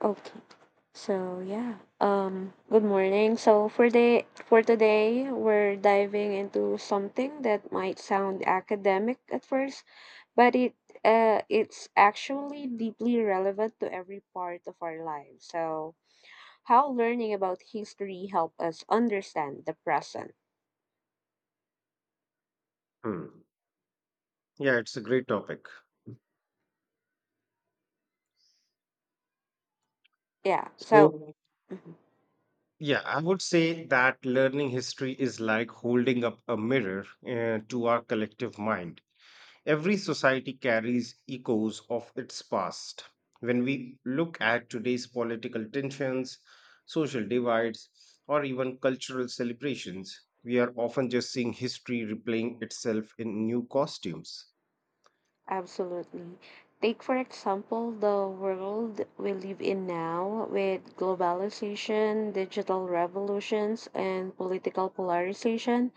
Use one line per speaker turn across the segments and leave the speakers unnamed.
Okay. So yeah. Good morning. So for today we're diving into something that might sound academic at first, but it's actually deeply relevant to every part of our lives. So how learning about history help us understand the present.
Hmm. Yeah, it's a great topic.
Yeah. So
So,
mm-hmm.
yeah, I would say that learning history is like holding up a mirror to our collective mind. Every society carries echoes of its past. When we look at today's political tensions, social divides, or even cultural celebrations, we are often just seeing history replaying itself in new costumes.
Absolutely. Take, for example, the world we live in now with globalization, digital revolutions, and political polarization.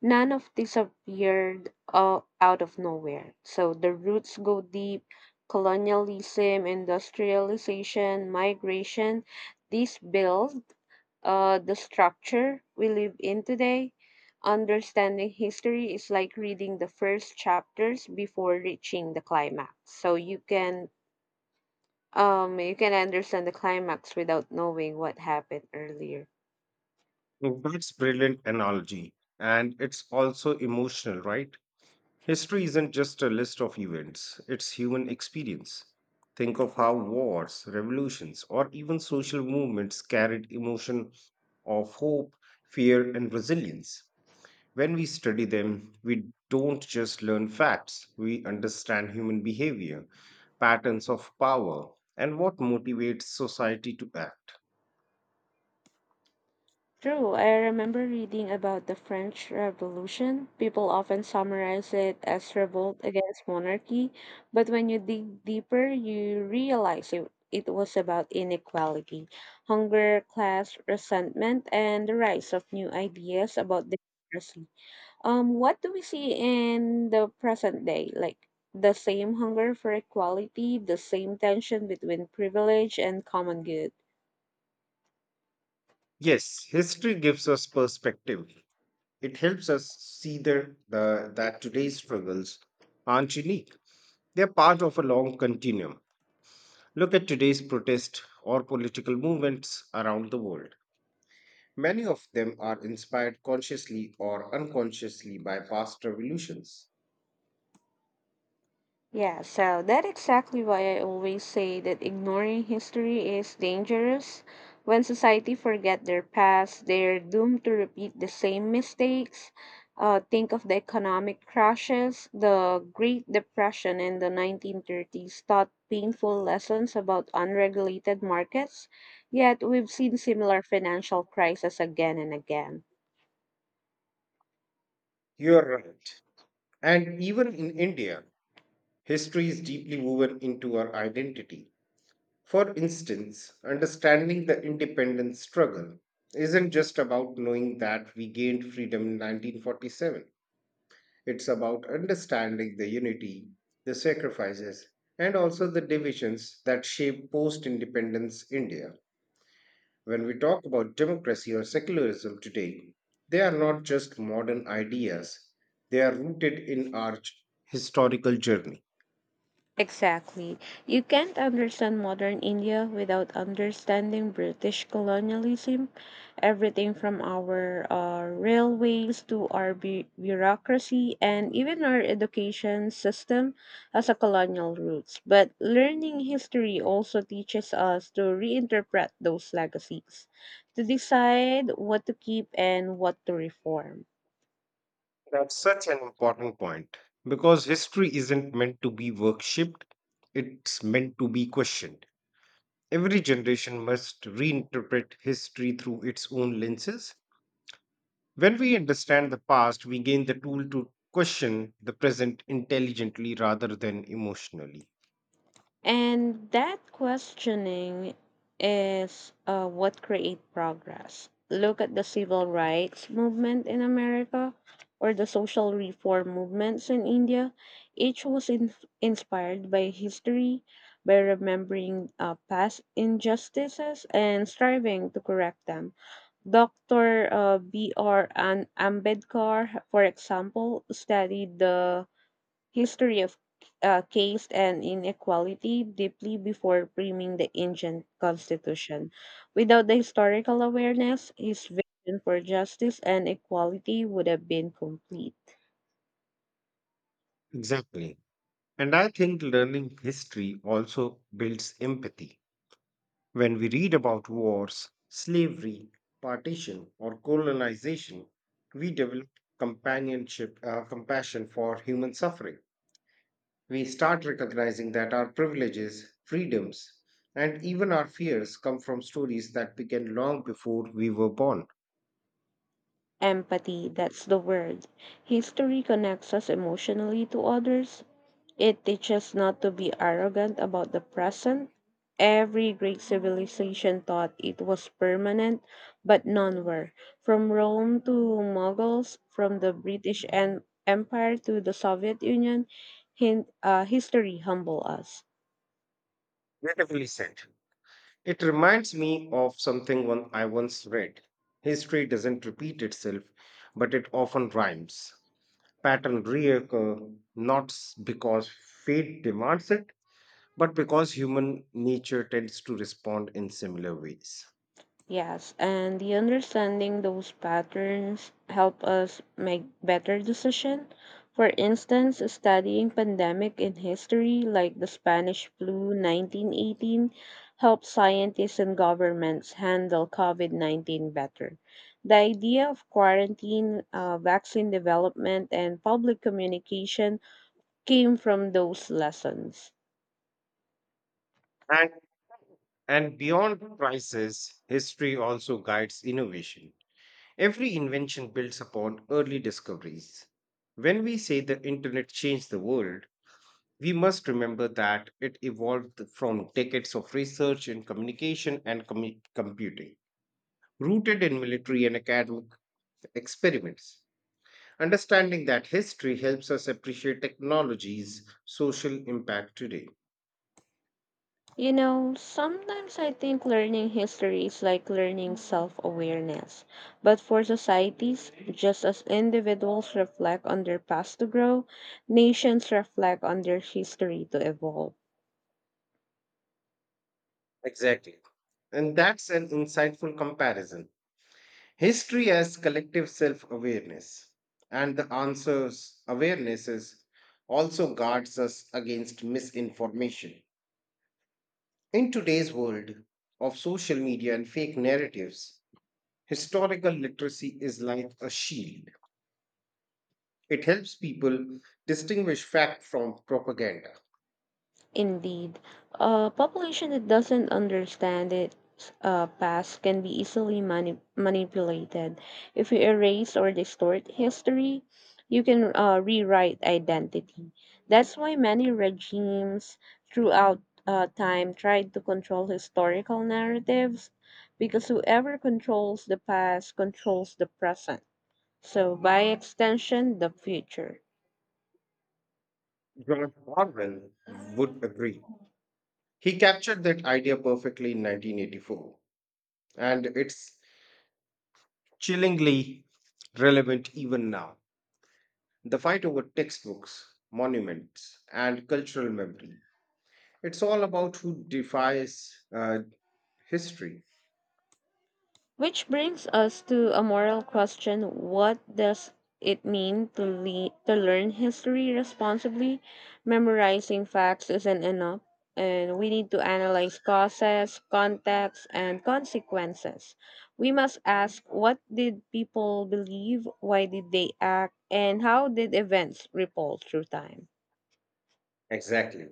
None of this appeared out of nowhere. So the roots go deep colonialism, industrialization, migration. These build the structure we live in today. Understanding history is like reading the first chapters before reaching the climax. So you can understand the climax without knowing what happened earlier.
That's brilliant analogy, and it's also emotional, right? History isn't just a list of events, it's human experience. Think of how wars, revolutions, or even social movements carried emotion of hope, fear, and resilience. When we study them, we don't just learn facts, we understand human behavior, patterns of power, and what motivates society to act.
True, I remember reading about the French Revolution. People often summarize it as revolt against monarchy, but when you dig deeper, you realize it was about inequality, hunger, class, resentment, and the rise of new ideas about democracy. What do we see in the present day? Like the same hunger for equality, the same tension between privilege and common good.
Yes, history gives us perspective. It helps us see that today's struggles aren't unique. They're part of a long continuum. Look at today's protest or political movements around the world. Many of them are inspired consciously or unconsciously by past revolutions.
Yeah, so that's exactly why I always say that ignoring history is dangerous. When society forget their past, they're doomed to repeat the same mistakes. Think of the economic crashes, the Great Depression in the 1930s taught painful lessons about unregulated markets, yet we've seen similar financial crises again and again.
You're right. And even in India, history is deeply woven into our identity. For instance, understanding the independence struggle isn't just about knowing that we gained freedom in 1947. It's about understanding the unity, the sacrifices, and also the divisions that shape post independence India. When we talk about democracy or secularism today, they are not just modern ideas, they are rooted in our historical journey.
Exactly. You can't understand modern India without understanding British colonialism. Everything from our railways to our bureaucracy and even our education system has a colonial roots. But learning history also teaches us to reinterpret those legacies, to decide what to keep and what to reform.
That's such an important point because history isn't meant to be worshipped, it's meant to be questioned. Every generation must reinterpret history through its own lenses. When we understand the past, we gain the tool to question the present intelligently rather than emotionally.
And that questioning is what create progress. Look at the civil rights movement in America or the social reform movements in India. Each was in- Inspired by history, by remembering past injustices and striving to correct them. Dr. B.R. Ambedkar, for example, studied the history of caste and inequality deeply before framing the ancient constitution. Without the historical awareness, his vision for justice and equality would have been complete.
Exactly. And I think learning history also builds empathy. When we read about wars, slavery, partition, or colonization, we develop compassion for human suffering. We start recognizing that our privileges, freedoms, and even our fears come from stories that began long before we were born.
Empathy, that's the word. History connects us emotionally to others, it teaches not to be arrogant about the present. Every great civilization thought it was permanent, but none were. From Rome to Mughals, from the Empire to the Soviet Union, history humble us.
Beautifully said. It reminds me of something one I once read. History doesn't repeat itself, but it often rhymes. Pattern reoccur not s- because fate demands it, but because human nature tends to respond in similar ways.
Yes, and the understanding those patterns help us make better decision. For instance, studying pandemic in history like the Spanish flu 1918 helps scientists and governments handle COVID-19 better. The idea of quarantine, vaccine development, and public communication came from those lessons.
And, and beyond crisis, history also guides innovation. Every invention builds upon early discoveries. When we say the internet changed the world, we must remember that it evolved from decades of research in communication and computing, rooted in military and academic experiments. Understanding that history helps us appreciate technology's social impact today.
You know, sometimes I think learning history is like learning self awareness. But for societies, just as individuals reflect on their past to grow, nations reflect on their history to evolve.
Exactly. And that's an insightful comparison. History as collective self awareness, and the answers awarenesses also guards us against misinformation. In today's world of social media and fake narratives, historical literacy is like a shield. It helps people distinguish fact from propaganda.
Indeed, a population that doesn't understand its past can be easily manipulated. If you erase or distort history, you can rewrite identity. That's why many regimes throughout time tried to control historical narratives because whoever controls the past controls the present. So, by extension, the future.
George Orwell would agree. He captured that idea perfectly in 1984, and it's chillingly relevant even now. The fight over textbooks, monuments, and cultural memory. It's all about who defies history.
Which brings us to a moral question. What does it mean to, to learn history responsibly? Memorizing facts isn't enough, and we need to analyze causes, context, and consequences. We must ask what did people believe, why did they act, and how did events ripple through time?
Exactly.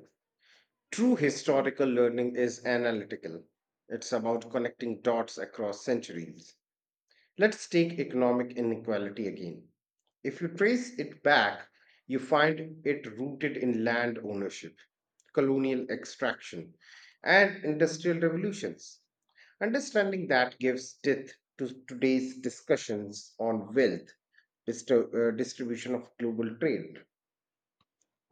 True historical learning is analytical. It's about connecting dots across centuries. Let's take economic inequality again. If you trace it back, you find it rooted in land ownership, colonial extraction, and industrial revolutions. Understanding that gives depth to today's discussions on wealth, distribution of global trade.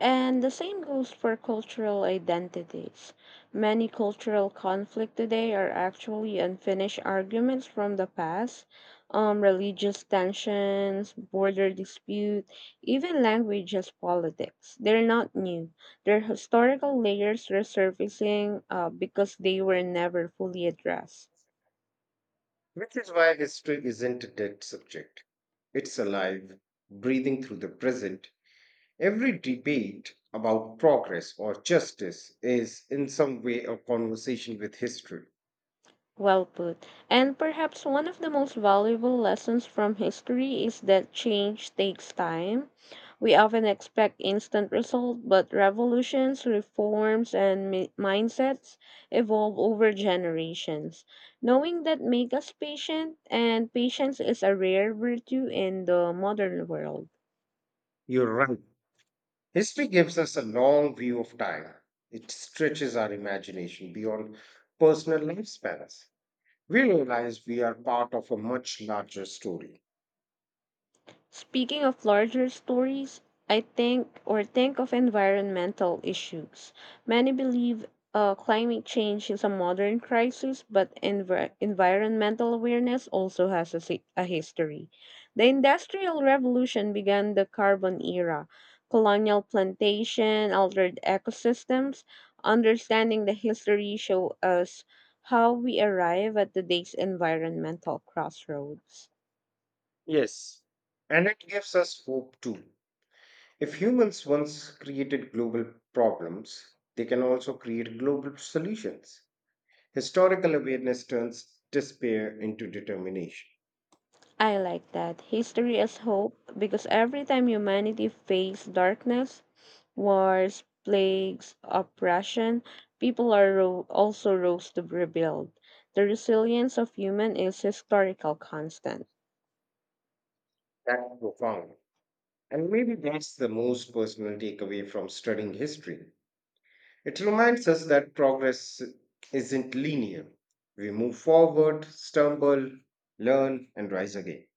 And the same goes for cultural identities. Many cultural conflict today are actually unfinished arguments from the past, religious tensions, border dispute, even language as politics. They're not new. They're historical layers resurfacing because they were never fully addressed.
Which is why history isn't a dead subject. It's alive, breathing through the present. Every debate about progress or justice is, in some way, a conversation with history.
Well put. And perhaps one of the most valuable lessons from history is that change takes time. We often expect instant results, but revolutions, reforms, and mindsets evolve over generations. Knowing that makes us patient, and patience is a rare virtue in the modern world.
You're right. History gives us a long view of time, it stretches our imagination beyond personal lifespans. We realize we are part of a much larger story.
Speaking of larger stories, I think or think of environmental issues. Many believe climate change is a modern crisis, but environmental awareness also has a history. The Industrial Revolution began the carbon era. Colonial plantation altered ecosystems. Understanding the history show us how we arrive at today's environmental crossroads.
Yes, and it gives us hope too. If humans once created global problems, they can also create global solutions. Historical awareness turns despair into determination.
I like that. History as hope, because every time humanity faced darkness, wars, plagues, oppression, people are also rose to rebuild. The resilience of human is historical constant.
That's profound. And maybe that's the most personal takeaway from studying history. It reminds us that progress isn't linear. We move forward, stumble, learn, and rise again.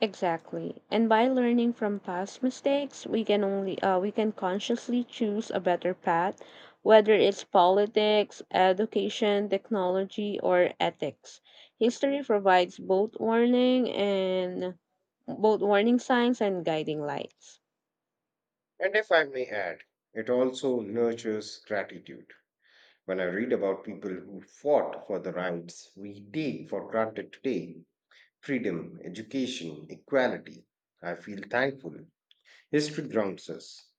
Exactly. And by learning from past mistakes, we can consciously choose a better path, whether it's politics, education, technology, or ethics. History provides both warning signs and guiding lights.
And if I may add, it also nurtures gratitude. When I read about people who fought for the rights we take for granted today, freedom, education, equality, I feel thankful. History grounds us.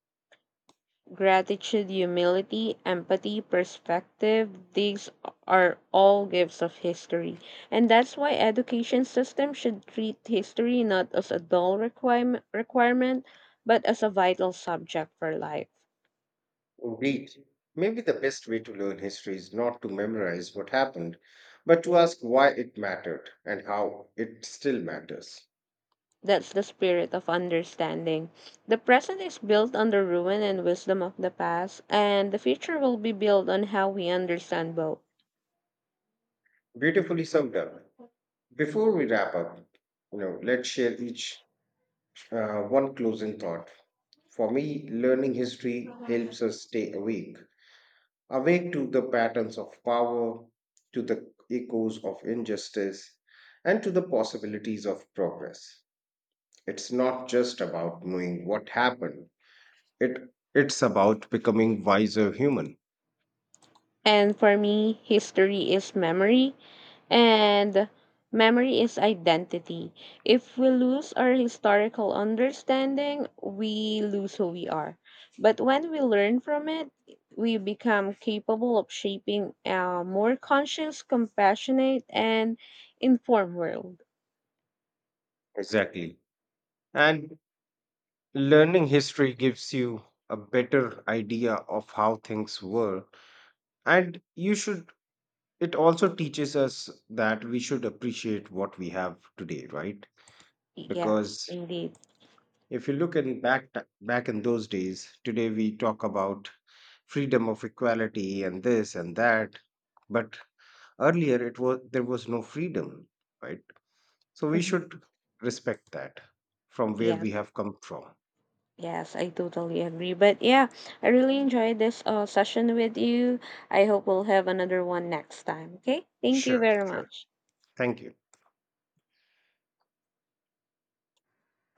Gratitude, humility, empathy, perspective, these are all gifts of history. And that's why education system should treat history not as a dull requirement but as a vital subject for life.
Indeed, maybe the best way to learn history is not to memorize what happened, but to ask why it mattered and how it still matters.
That's the spirit of understanding. The present is built on the ruin and wisdom of the past, and the future will be built on how we understand both.
Beautifully summed up. Before we wrap up, you know, let's share each one closing thought. For me, learning history helps us stay awake, awake to the patterns of power, to the echoes of injustice, and to the possibilities of progress. It's not just about knowing what happened. It it's about becoming wiser human.
And for me, history is memory, and memory is identity. If we lose our historical understanding, we lose who we are. But when we learn from it, we become capable of shaping a more conscious, compassionate, and informed world.
Exactly. And learning history gives you a better idea of how things were and you should, it also teaches us that we should appreciate what we have today, right?
Yes,
Because
indeed.
if you look in back in those days, today we talk about freedom of equality and this and that, but earlier it was there was no freedom, right? So we
Mhm.
should respect that from where
Yes.
we have come from.
Yes, I totally agree. But yeah, I really enjoyed this session with you. I hope we'll have another one next time. Okay? Thank you
Sure,
very
sure.
much.
Thank you.